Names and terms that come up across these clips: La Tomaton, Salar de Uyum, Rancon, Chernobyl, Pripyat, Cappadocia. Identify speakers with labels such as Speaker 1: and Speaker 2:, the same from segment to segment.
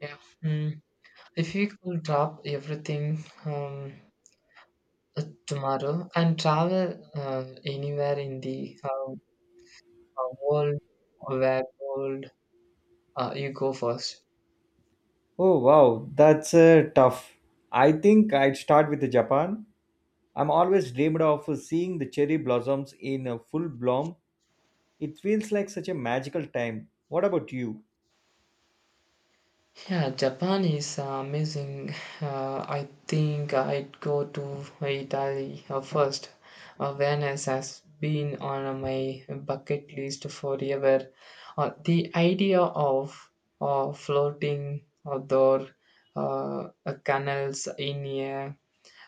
Speaker 1: Yeah. Mm. If we could drop everything tomorrow and travel anywhere in the world, where world you go first?
Speaker 2: Oh wow, that's tough. I think I'd start with Japan. I'm always dreamed of seeing the cherry blossoms in full bloom. It feels like such a magical time. What about you?
Speaker 1: Yeah, Japan is amazing. I think I'd go to Italy first. Venice has been on my bucket list forever. The idea of floating outdoor canals in a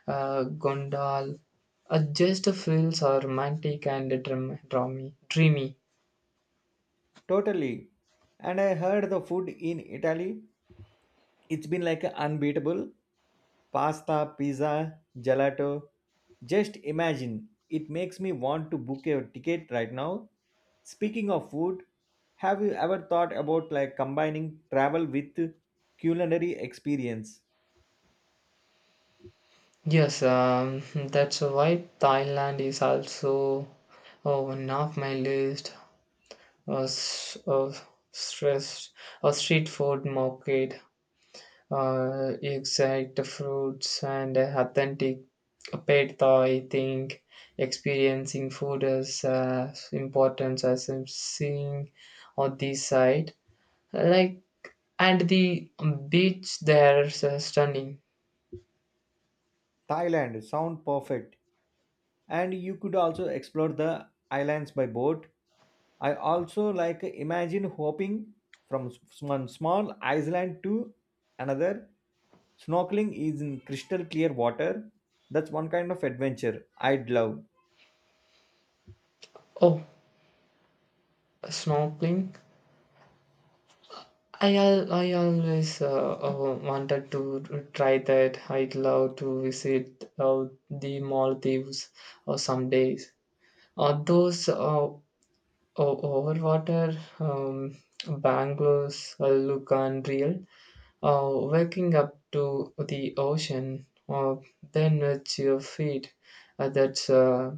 Speaker 1: gondola just feels romantic and dreamy.
Speaker 2: Totally. And I heard the food in Italy it's been like a unbeatable pasta, pizza, gelato. Just imagine, it makes me want to book a ticket right now. Speaking of food, have you ever thought about like combining travel with culinary experience?
Speaker 1: Yes, that's why Thailand is also one of my list of stressed or street food market, exact fruits and authentic pad Thai. I think experiencing food is important as I'm seeing on this side. Like and the beach there is stunning.
Speaker 2: Thailand sound perfect. And you could also explore the islands by boat. I also like imagine hopping one small island to another. Snorkeling is in crystal clear water. That's one kind of adventure I'd love.
Speaker 1: Oh, snorkeling I always wanted to try that. I'd love to visit the Maldives or some days. Those overwater um, bungalows look unreal. Uh, waking up to the ocean, uh, then with your feet. That's uh,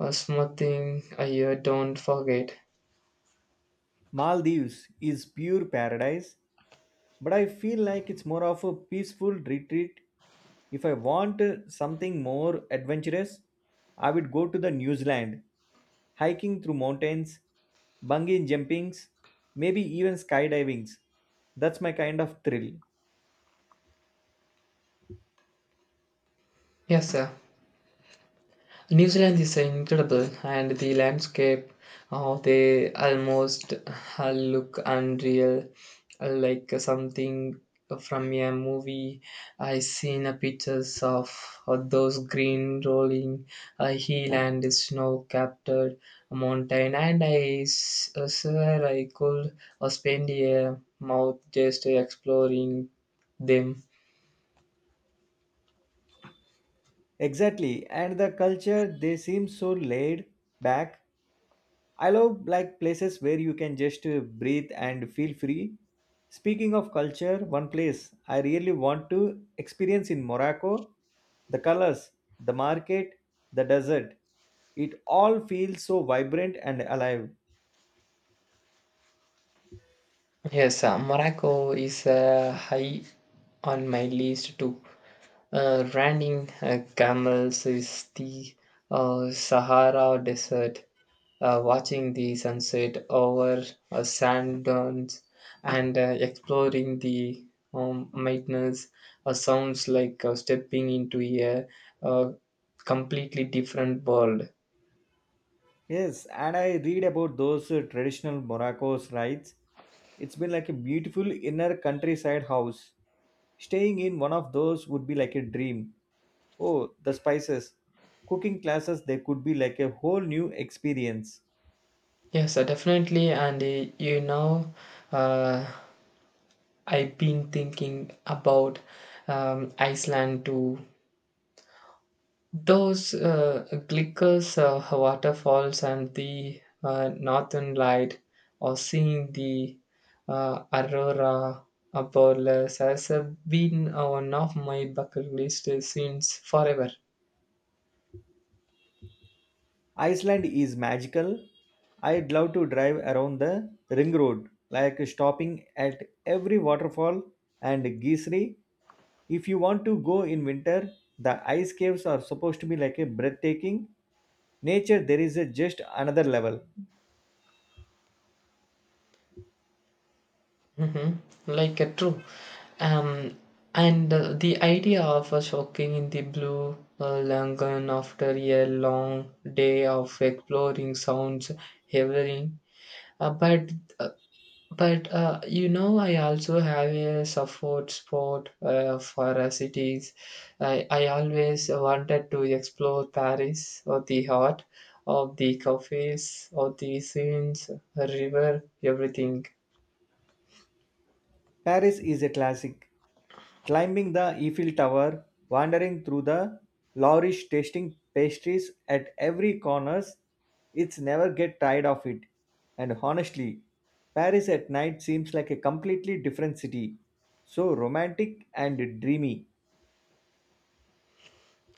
Speaker 1: uh, something you don't forget.
Speaker 2: Maldives is pure paradise, but I feel like it's more of a peaceful retreat. If I want something more adventurous, I would go to the New Zealand, hiking through mountains, bungee jumpings, maybe even skydivings. That's my kind of thrill.
Speaker 1: Yes, sir. New Zealand is incredible, and the landscape oh, they almost look unreal, like something from a movie. I seen a pictures of those green rolling hill and snow-capped mountain, and swear I could spend a month just exploring them.
Speaker 2: Exactly, and the culture they seem so laid back. I love like places where you can just breathe and feel free. Speaking of culture, one place I really want to experience in Morocco, the colors, the market, the desert. It all feels so vibrant and alive.
Speaker 1: Yes, Morocco is high on my list too. Running camels is the Sahara Desert. Watching the sunset over sand dunes and exploring the mountains sounds like stepping into a uh, completely different world.
Speaker 2: Yes, and I read about those traditional Morocco's rites. It's been like a beautiful inner countryside house. Staying in one of those would be like a dream. Oh, the spices. Cooking classes, they could be like a whole new experience.
Speaker 1: Yes, definitely. And uh, I've been thinking about Iceland too. Those Glickers waterfalls and the northern light, or seeing the aurora borealis has been one of my bucket list since forever.
Speaker 2: Iceland is magical. I'd love to drive around the ring road, like stopping at every waterfall and geesery. If you want to go in winter, the ice caves are supposed to be like a breathtaking. Nature, there is a just another level.
Speaker 1: Hmm. Like a true. Um, and the idea of us walking in the blue Langan after a long day of exploring sounds heavenly. Uh, but uh, But I also have a support spot for cities. I always wanted to explore Paris or the heart of the cafes or the scenes, a river, everything.
Speaker 2: Paris is a classic. Climbing the Eiffel Tower, wandering through the Louvre, tasting pastries at every corners, it's never get tired of it. And honestly, Paris at night seems like a completely different city. So romantic and dreamy.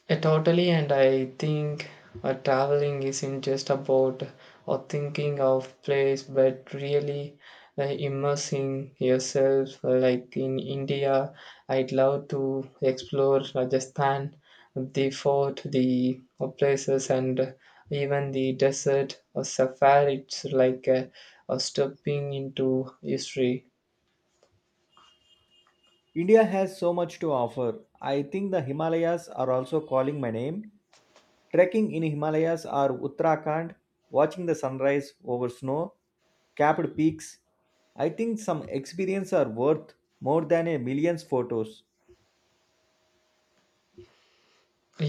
Speaker 1: Yeah, totally. And I think traveling isn't just about or thinking of place, but really immersing yourself. Like in India, I'd love to explore Rajasthan, the fort, the places, and even the desert or safari. It's like stepping into history.
Speaker 2: India has so much to offer. I think the Himalayas are also calling my name. Trekking in Himalayas or Uttarakhand, watching the sunrise over snow-capped peaks, I think some experience are worth more than a million's photos.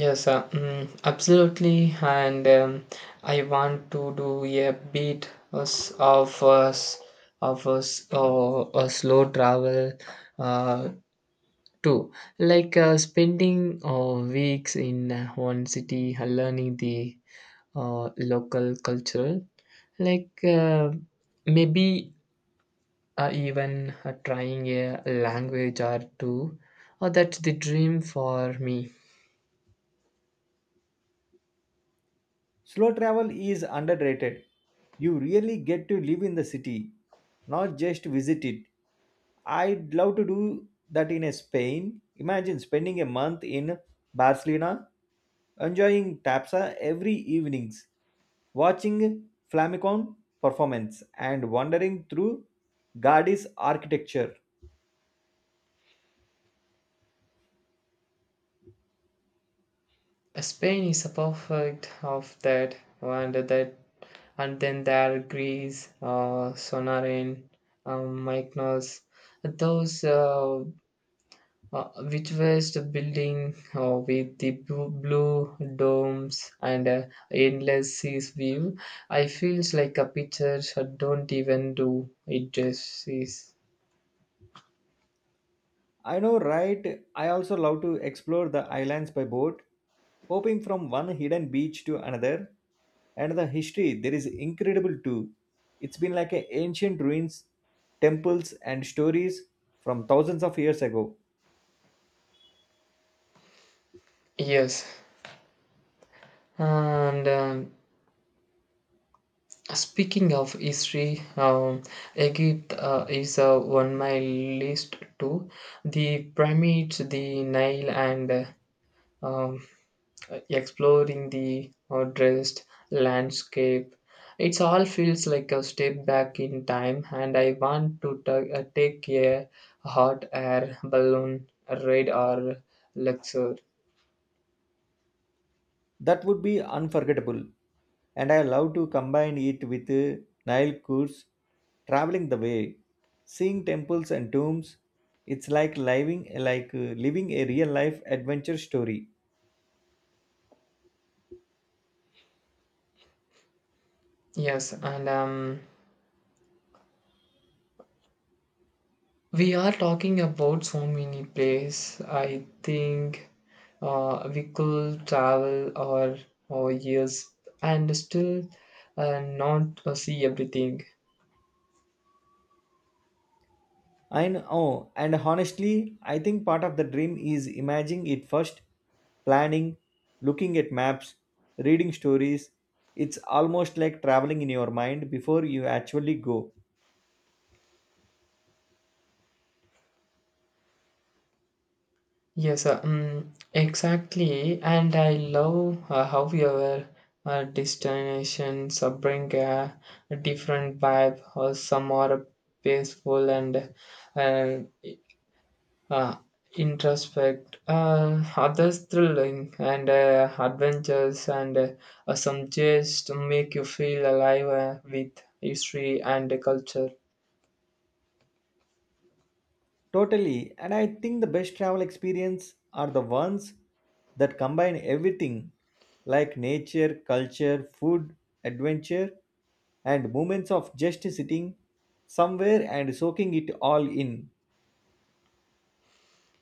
Speaker 1: Yes, absolutely. And I want to do a bit us- of us of us a slow travel uh, too, like spending weeks in one city, learning the local culture, like maybe even trying a language or two. That's the dream for me.
Speaker 2: Slow travel is underrated. You really get to live in the city, not just visit it. I'd love to do that in Spain. Imagine spending a month in Barcelona, enjoying Tapsa every evenings, watching flamenco performance and wandering through Gaudí's architecture.
Speaker 1: Spain is a perfect of that, and that, and then there are Greece, Sonarin, Mykonos, those which was the building with the blue domes and endless seas view. I feels like a picture. I don't even do it justice.
Speaker 2: I know, right? I also love to explore the islands by boat, hopping from one hidden beach to another. And the history there is incredible too. It's been like a ancient ruins, temples, and stories from thousands of years ago.
Speaker 1: Yes, and speaking of history, Egypt is on my list too. The pyramids, the Nile, and um, exploring the dressed landscape. It all feels like a step back in time, and I want to take a hot air balloon ride or lecture.
Speaker 2: That would be unforgettable. And I love to combine it with Nile cruise, traveling the way, seeing temples and tombs. It's like living a real life adventure story.
Speaker 1: Yes, and we are talking about so many places. I think we could travel our years and still not see everything.
Speaker 2: I know, and honestly, I think part of the dream is imagining it first, planning, looking at maps, reading stories. It's almost like traveling in your mind before you actually go.
Speaker 1: Yes, exactly. And I love how your destinations bring a different vibe. Or some are peaceful and uh, uh, introspect, others thrilling and adventures, and some chase to make you feel alive with history and the culture.
Speaker 2: Totally, and I think the best travel experience are the ones that combine everything like nature, culture, food, adventure, and moments of just sitting somewhere and soaking it all in.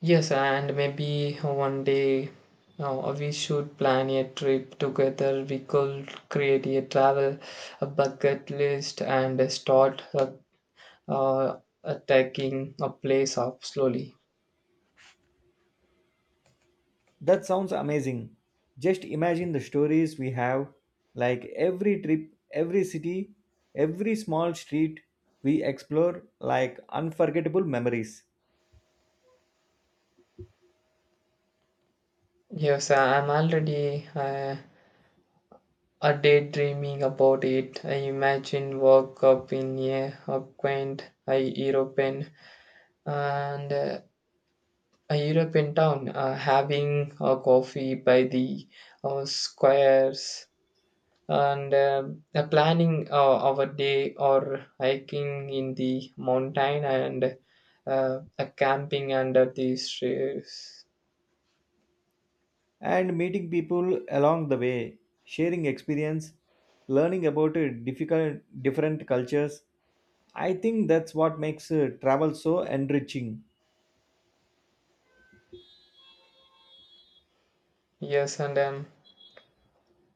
Speaker 1: Yes, and maybe one day we should plan a trip together. We could create a travel a bucket list and start attacking a place up slowly.
Speaker 2: That sounds amazing. Just imagine the stories we have, like every trip, every city, every small street we explore, like unforgettable memories.
Speaker 1: Yes, I'm already. A daydreaming about it, I imagine woke up in a quaint a European and a European town, having a coffee by the squares and planning our day or hiking in the mountain and camping under the trees.
Speaker 2: And meeting people along the way, sharing experience, learning about different cultures. I think that's what makes travel so enriching.
Speaker 1: Yes, and um,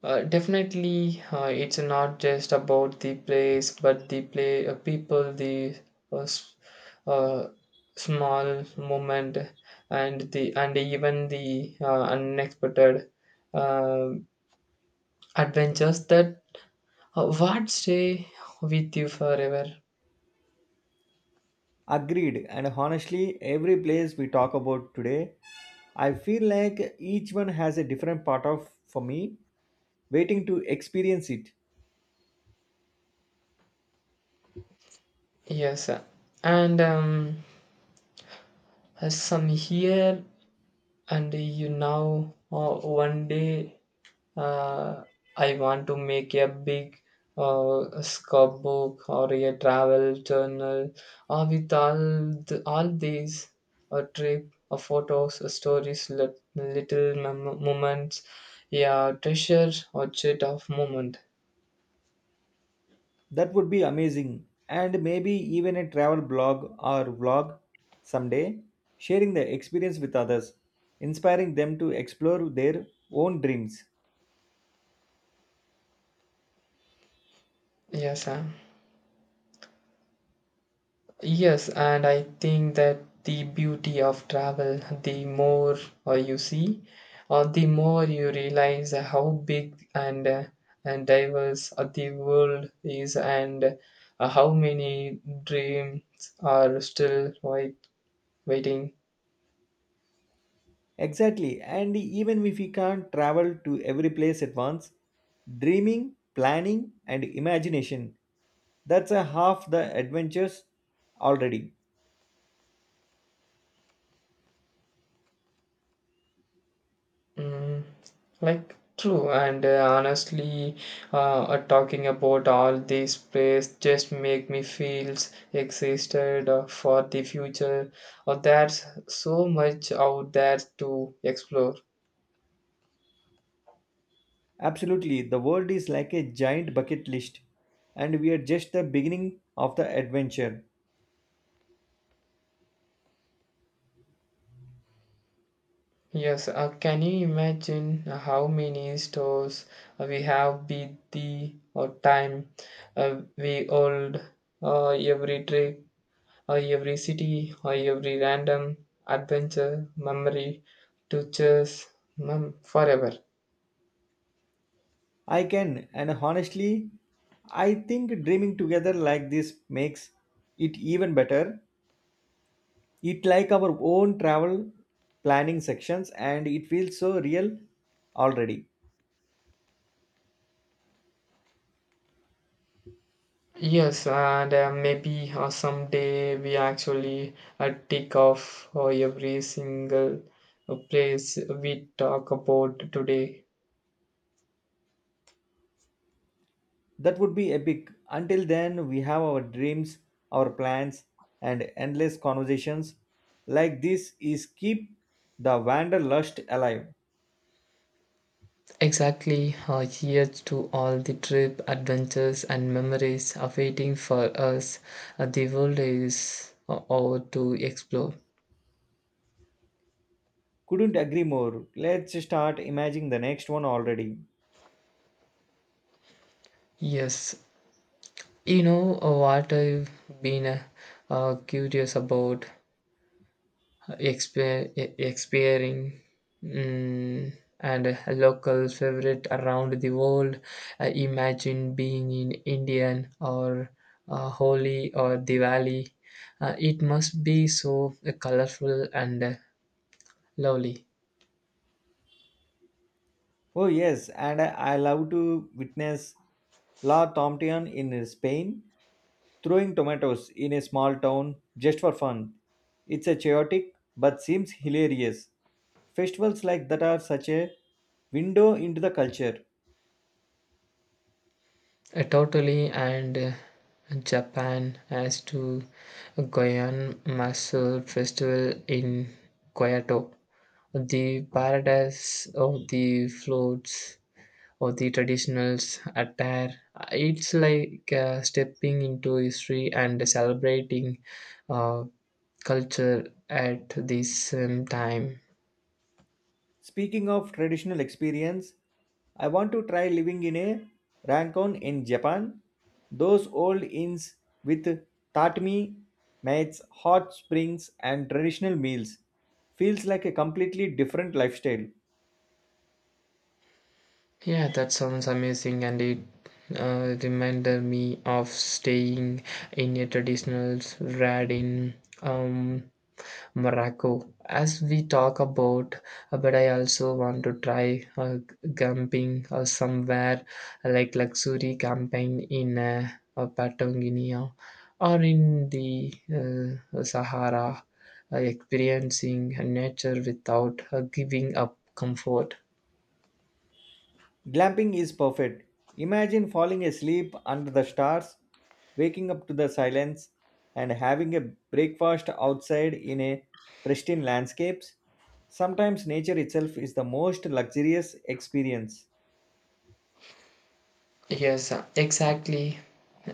Speaker 1: Uh, definitely, it's not just about the place, but the play, people, the uh, s- uh, small moment, and the and even the unexpected uh, adventures that what stay with you forever.
Speaker 2: Agreed. And honestly, every place we talk about today, I feel like each one has a different part of for me waiting to experience it.
Speaker 1: Yes, and some here, and you now one day. Uh, I want to make a big scrapbook or a travel journal or with all these a trip a photos a stories little moments yeah treasure or chit of moment
Speaker 2: That would be amazing. And maybe even a travel blog or vlog someday, sharing the experience with others, inspiring them to explore their own dreams.
Speaker 1: yes sir. Yes, and I think that the beauty of travel, the more you see, or the more you realize how big and diverse the world is, and how many dreams are still waiting.
Speaker 2: Exactly. And even if we can't travel to every place at once, dreaming, planning, and imagination that's a half the adventures already.
Speaker 1: Mm, like true and honestly talking about all these plays just make me feels existed for the future or there's so much out there to explore.
Speaker 2: Absolutely. The world is like a giant bucket list, and we are just the beginning of the adventure.
Speaker 1: Yes, can you imagine how many stores we have beat the or time we old every trip or every city, or every random adventure, memory to chase forever.
Speaker 2: I can, and honestly, I think dreaming together like this makes it even better. It like our own travel planning sections and it feels so real already.
Speaker 1: Yes, and maybe someday we actually tick off every single place we talk about today.
Speaker 2: That would be epic. Until then, we have our dreams, our plans, and endless conversations like this is keep the wanderlust alive.
Speaker 1: Exactly, here's to all the trip, adventures, and memories awaiting for us. The world is all to explore.
Speaker 2: Couldn't agree more. Let's start imagining the next one already.
Speaker 1: Yes, you know what I've been curious about experiencing mm, and a local favorite around the world. Imagine being in Indian or Holi or Diwali. It must be so colorful and lovely.
Speaker 2: Oh yes, and I love to witness La Tomaton in Spain throwing tomatoes in a small town just for fun. It's a chaotic but seems hilarious. Festivals like that are such a window into the culture.
Speaker 1: Totally and Japan as to Goyan Masul Festival in Kyoto. The paradise of the floats or the traditionals attire. It's like stepping into history and celebrating uh, culture at the same time.
Speaker 2: Speaking of traditional experience, I want to try living in a Rancon in Japan. Those old inns with tatami mats, hot springs, and traditional meals feels like a completely different lifestyle.
Speaker 1: Yeah, that sounds amazing, and it reminded me of staying in a traditional rad in um, Morocco, as we talk about, but I also want to try camping somewhere like luxury camping in Patagonia or in the Sahara, experiencing nature without giving up comfort.
Speaker 2: Glamping is perfect. Imagine falling asleep under the stars, waking up to the silence, and having a breakfast outside in a pristine landscapes. Sometimes nature itself is the most luxurious experience.
Speaker 1: Yes, exactly.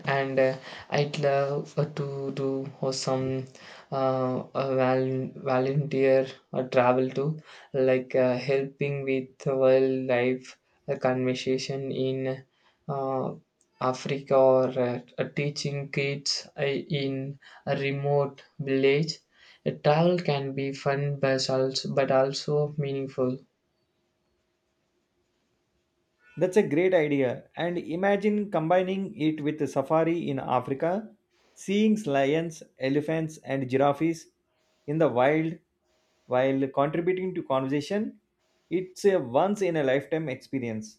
Speaker 1: And I'd love to do some volunteer travel too, like helping with wildlife conservation in uh, Africa or teaching kids in a remote village. Travel can be fun, but also meaningful.
Speaker 2: That's a great idea. And imagine combining it with a safari in Africa, seeing lions, elephants, and giraffes in the wild while contributing to conversation. It's a once in a lifetime experience.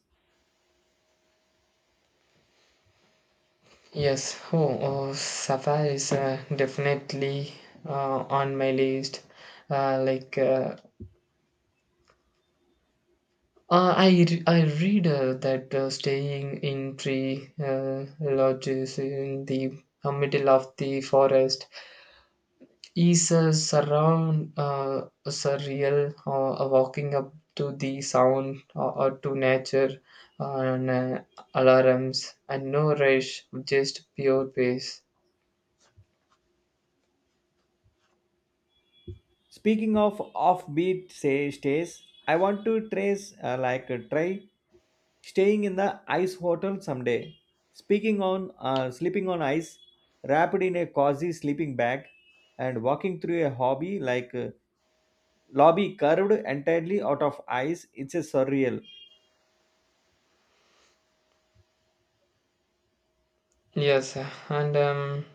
Speaker 1: Yes, oh Safa is definitely on my list. Uh, like uh, I read that staying in tree lodges in the middle of the forest is a surround surreal walking up to the sound or to nature and alarms and no rush, just pure pace.
Speaker 2: Speaking of offbeat say stays, I want to trace like try staying in the ice hotel someday. Speaking on sleeping on ice, wrapped in a cozy sleeping bag, and walking through a hobby like lobby curved entirely out of ice. It's a surreal.
Speaker 1: Yes, and um.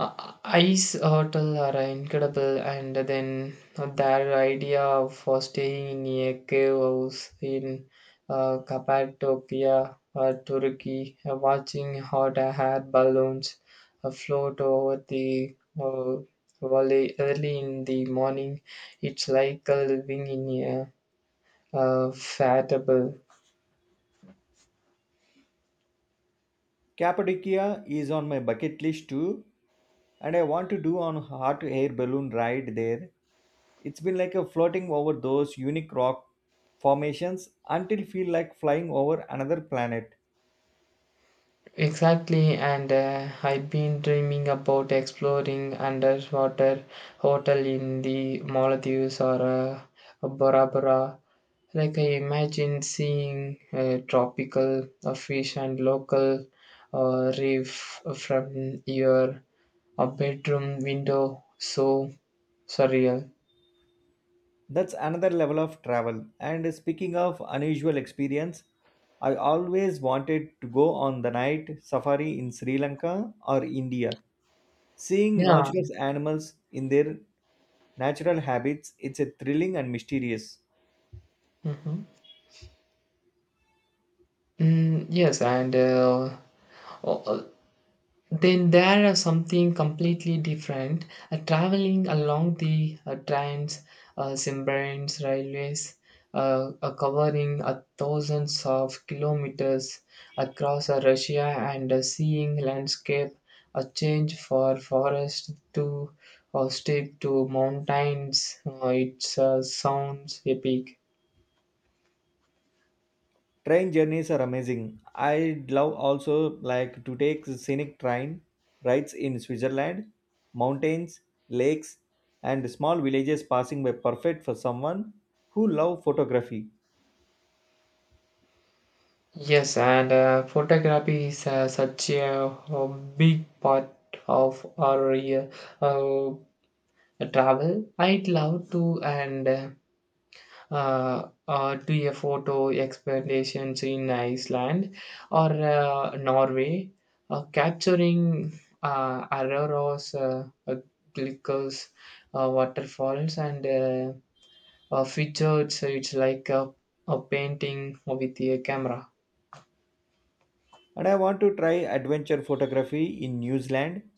Speaker 1: Uh, ice hotel are incredible, and then their idea of for staying in a cave house in Cappadocia, Turkey, watching hot air balloons float over the uh, valley early in the morning, it's like living in a fat.
Speaker 2: Cappadocia is on my bucket list too, and I want to do on hot air balloon ride there. It's been like a floating over those unique rock formations until feel like flying over another planet.
Speaker 1: Exactly, and I've been dreaming about exploring underwater hotel in the Maldives or Bora Bora. Like I imagine seeing tropical fish and local reef from your bedroom window. So surreal.
Speaker 2: That's another level of travel. And speaking of unusual experience, I always wanted to go on the night safari in Sri Lanka or India. Seeing
Speaker 1: Yeah.
Speaker 2: noxious animals in their natural habits, it's a thrilling and mysterious.
Speaker 1: Hmm. Mm, yes, and o- then there are something completely different traveling along the trains submarines railways covering thousands of kilometers across Russia and seeing landscape a change for forest to steep to mountains it sounds epic.
Speaker 2: Train journeys are amazing. I love also like to take scenic train rides in Switzerland, mountains, lakes, and small villages passing by perfect for someone who love photography.
Speaker 1: Yes, and photography is such a big part of our uh, travel. I'd love to and do a photo expeditions in Iceland or Norway, capturing auroras, glickers, waterfalls, and features. It's like a painting with a camera.
Speaker 2: And I want to try adventure photography in New Zealand,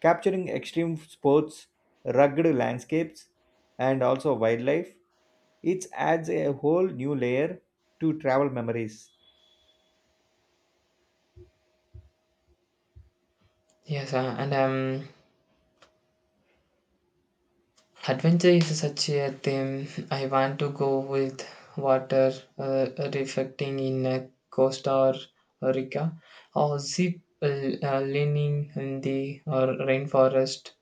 Speaker 2: capturing extreme sports, rugged landscapes, and also wildlife. It adds a whole new layer to travel memories.
Speaker 1: Yes, and adventure is such a theme. I want to go with water uh, reflecting in a Costa Rica or zip leaning in the rainforest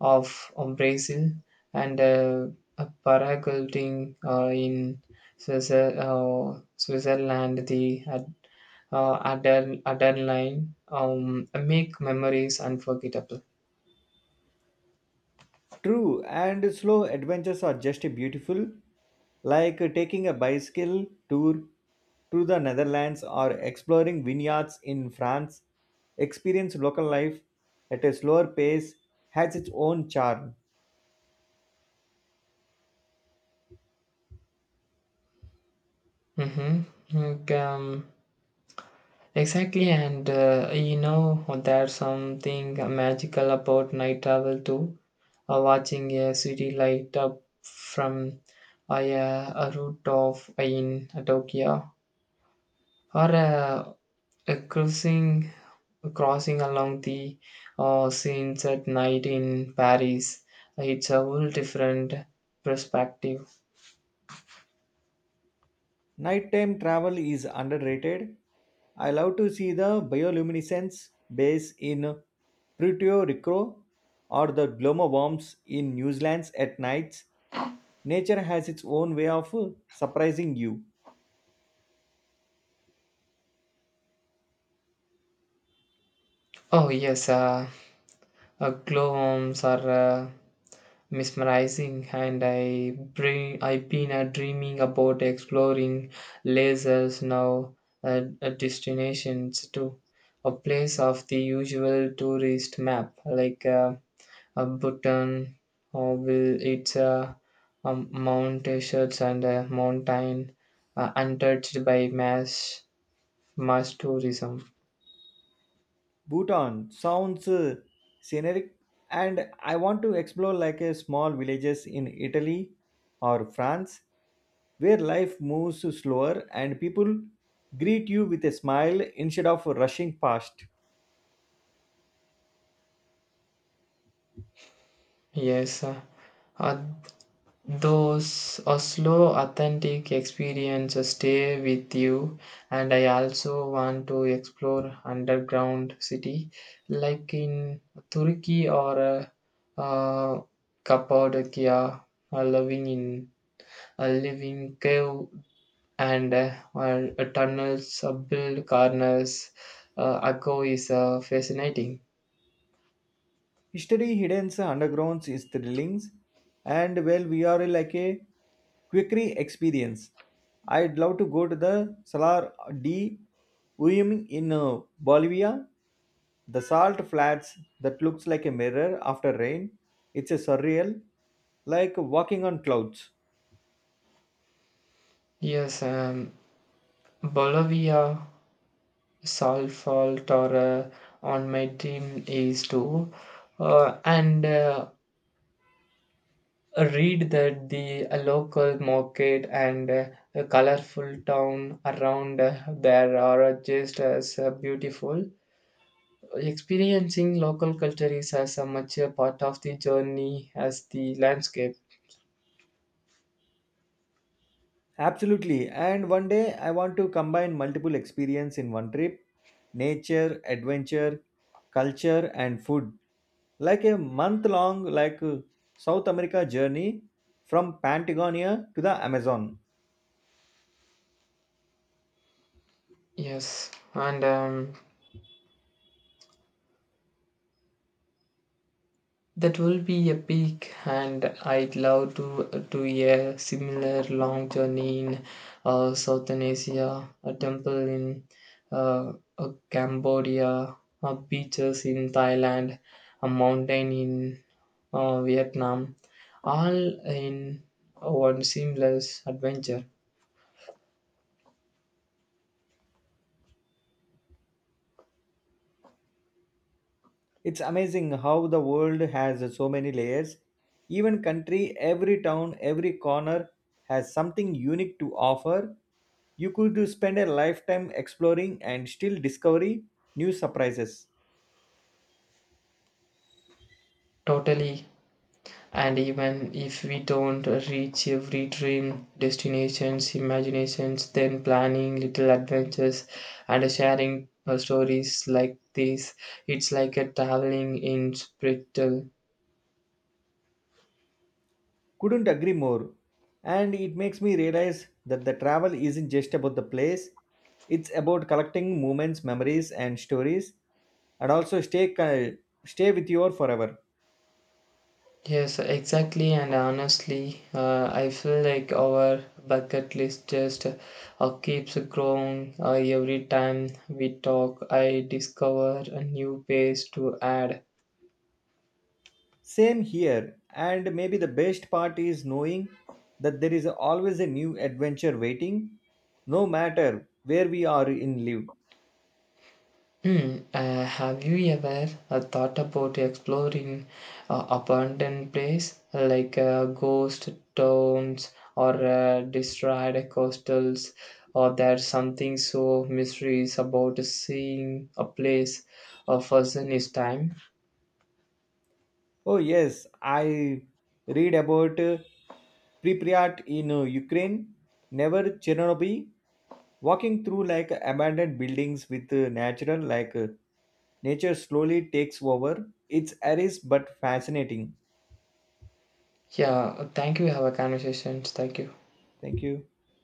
Speaker 1: of Brazil and a paragliding in Swiss Switzerland. The adrenaline make memories unforgettable.
Speaker 2: True, and slow adventures are just beautiful, like taking a bicycle tour through the Netherlands or exploring vineyards in France. Experience local life at a slower pace has its own charm.
Speaker 1: Mm-hmm. Like, exactly, and there's something magical about night travel too. Watching a city light up from uh, a, a rooftop in Tokyo, or a cruising crossing along the scenes at night in Paris. It's a whole different perspective.
Speaker 2: Nighttime travel is underrated. I love to see the bioluminescence base in Puerto Rico or the gloma worms in New Zealand at nights. Nature has its own way of surprising you.
Speaker 1: Oh yes, glow worms are. Mesmerizing and I've been dreaming about exploring lasers now destinations to a place of the usual tourist map like a Bhutan or will it's a Mount Shirts and a mountain untouched by mass tourism.
Speaker 2: Bhutan sounds scenic, and I want to explore like a small villages in Italy or France where life moves slower and people greet you with a smile instead of rushing past.
Speaker 1: Yes, uh, those Oslo authentic experiences stay with you, and I also want to explore underground city, like in Turkey or Cappadocia, living in a living cave and tunnels, build corners. Akko is fascinating.
Speaker 2: History hidden undergrounds is thrilling, and well, we are like a quickery experience. I'd love to go to the Salar de Uyum in Bolivia. The salt flats that looks like a mirror after rain. It's a surreal, like walking on clouds.
Speaker 1: Yes, Bolivia solve fault or on my team is to and read that the local market and a colorful town around there are just as beautiful. Experiencing local culture is as much a part of the journey as the landscape.
Speaker 2: Absolutely. And one day I want to combine multiple experience in one trip. Nature, adventure, culture and food. Like a month long South America journey from Patagonia to the Amazon.
Speaker 1: Yes, and that will be epic, and I'd love to a similar long journey in Southern Asia, a temple in Cambodia, beaches in Thailand, a mountain in Vietnam, all in one seamless adventure.
Speaker 2: It's amazing how the world has so many layers. Even country, every town, every corner has something unique to offer. You could spend a lifetime exploring and still discovering new surprises.
Speaker 1: Totally. And even if we don't reach every dream destinations, imaginations, then planning little adventures and sharing stories like this, it's like a traveling in spiritual.
Speaker 2: Couldn't agree more. And it makes me realize that the travel isn't just about the place, it's about collecting moments, memories, and stories, and also stay with you all forever.
Speaker 1: Yes, exactly, and honestly, I feel like our bucket list just keeps growing. Every time we talk, I discover a new page to add.
Speaker 2: Same here, and maybe the best part is knowing that there is always a new adventure waiting, no matter where we are in live.
Speaker 1: Hmm. Have you ever thought about exploring abandoned place like ghost towns or destroyed coastals? Or there's something so mysterious about seeing a place a person is time.
Speaker 2: Oh, yes, I read about Pripyat in Ukraine, never Chernobyl, walking through like abandoned buildings with natural like nature slowly takes over. It's aris but fascinating.
Speaker 1: Yeah. Thank you. Have a conversation. Thank you.
Speaker 2: Thank you.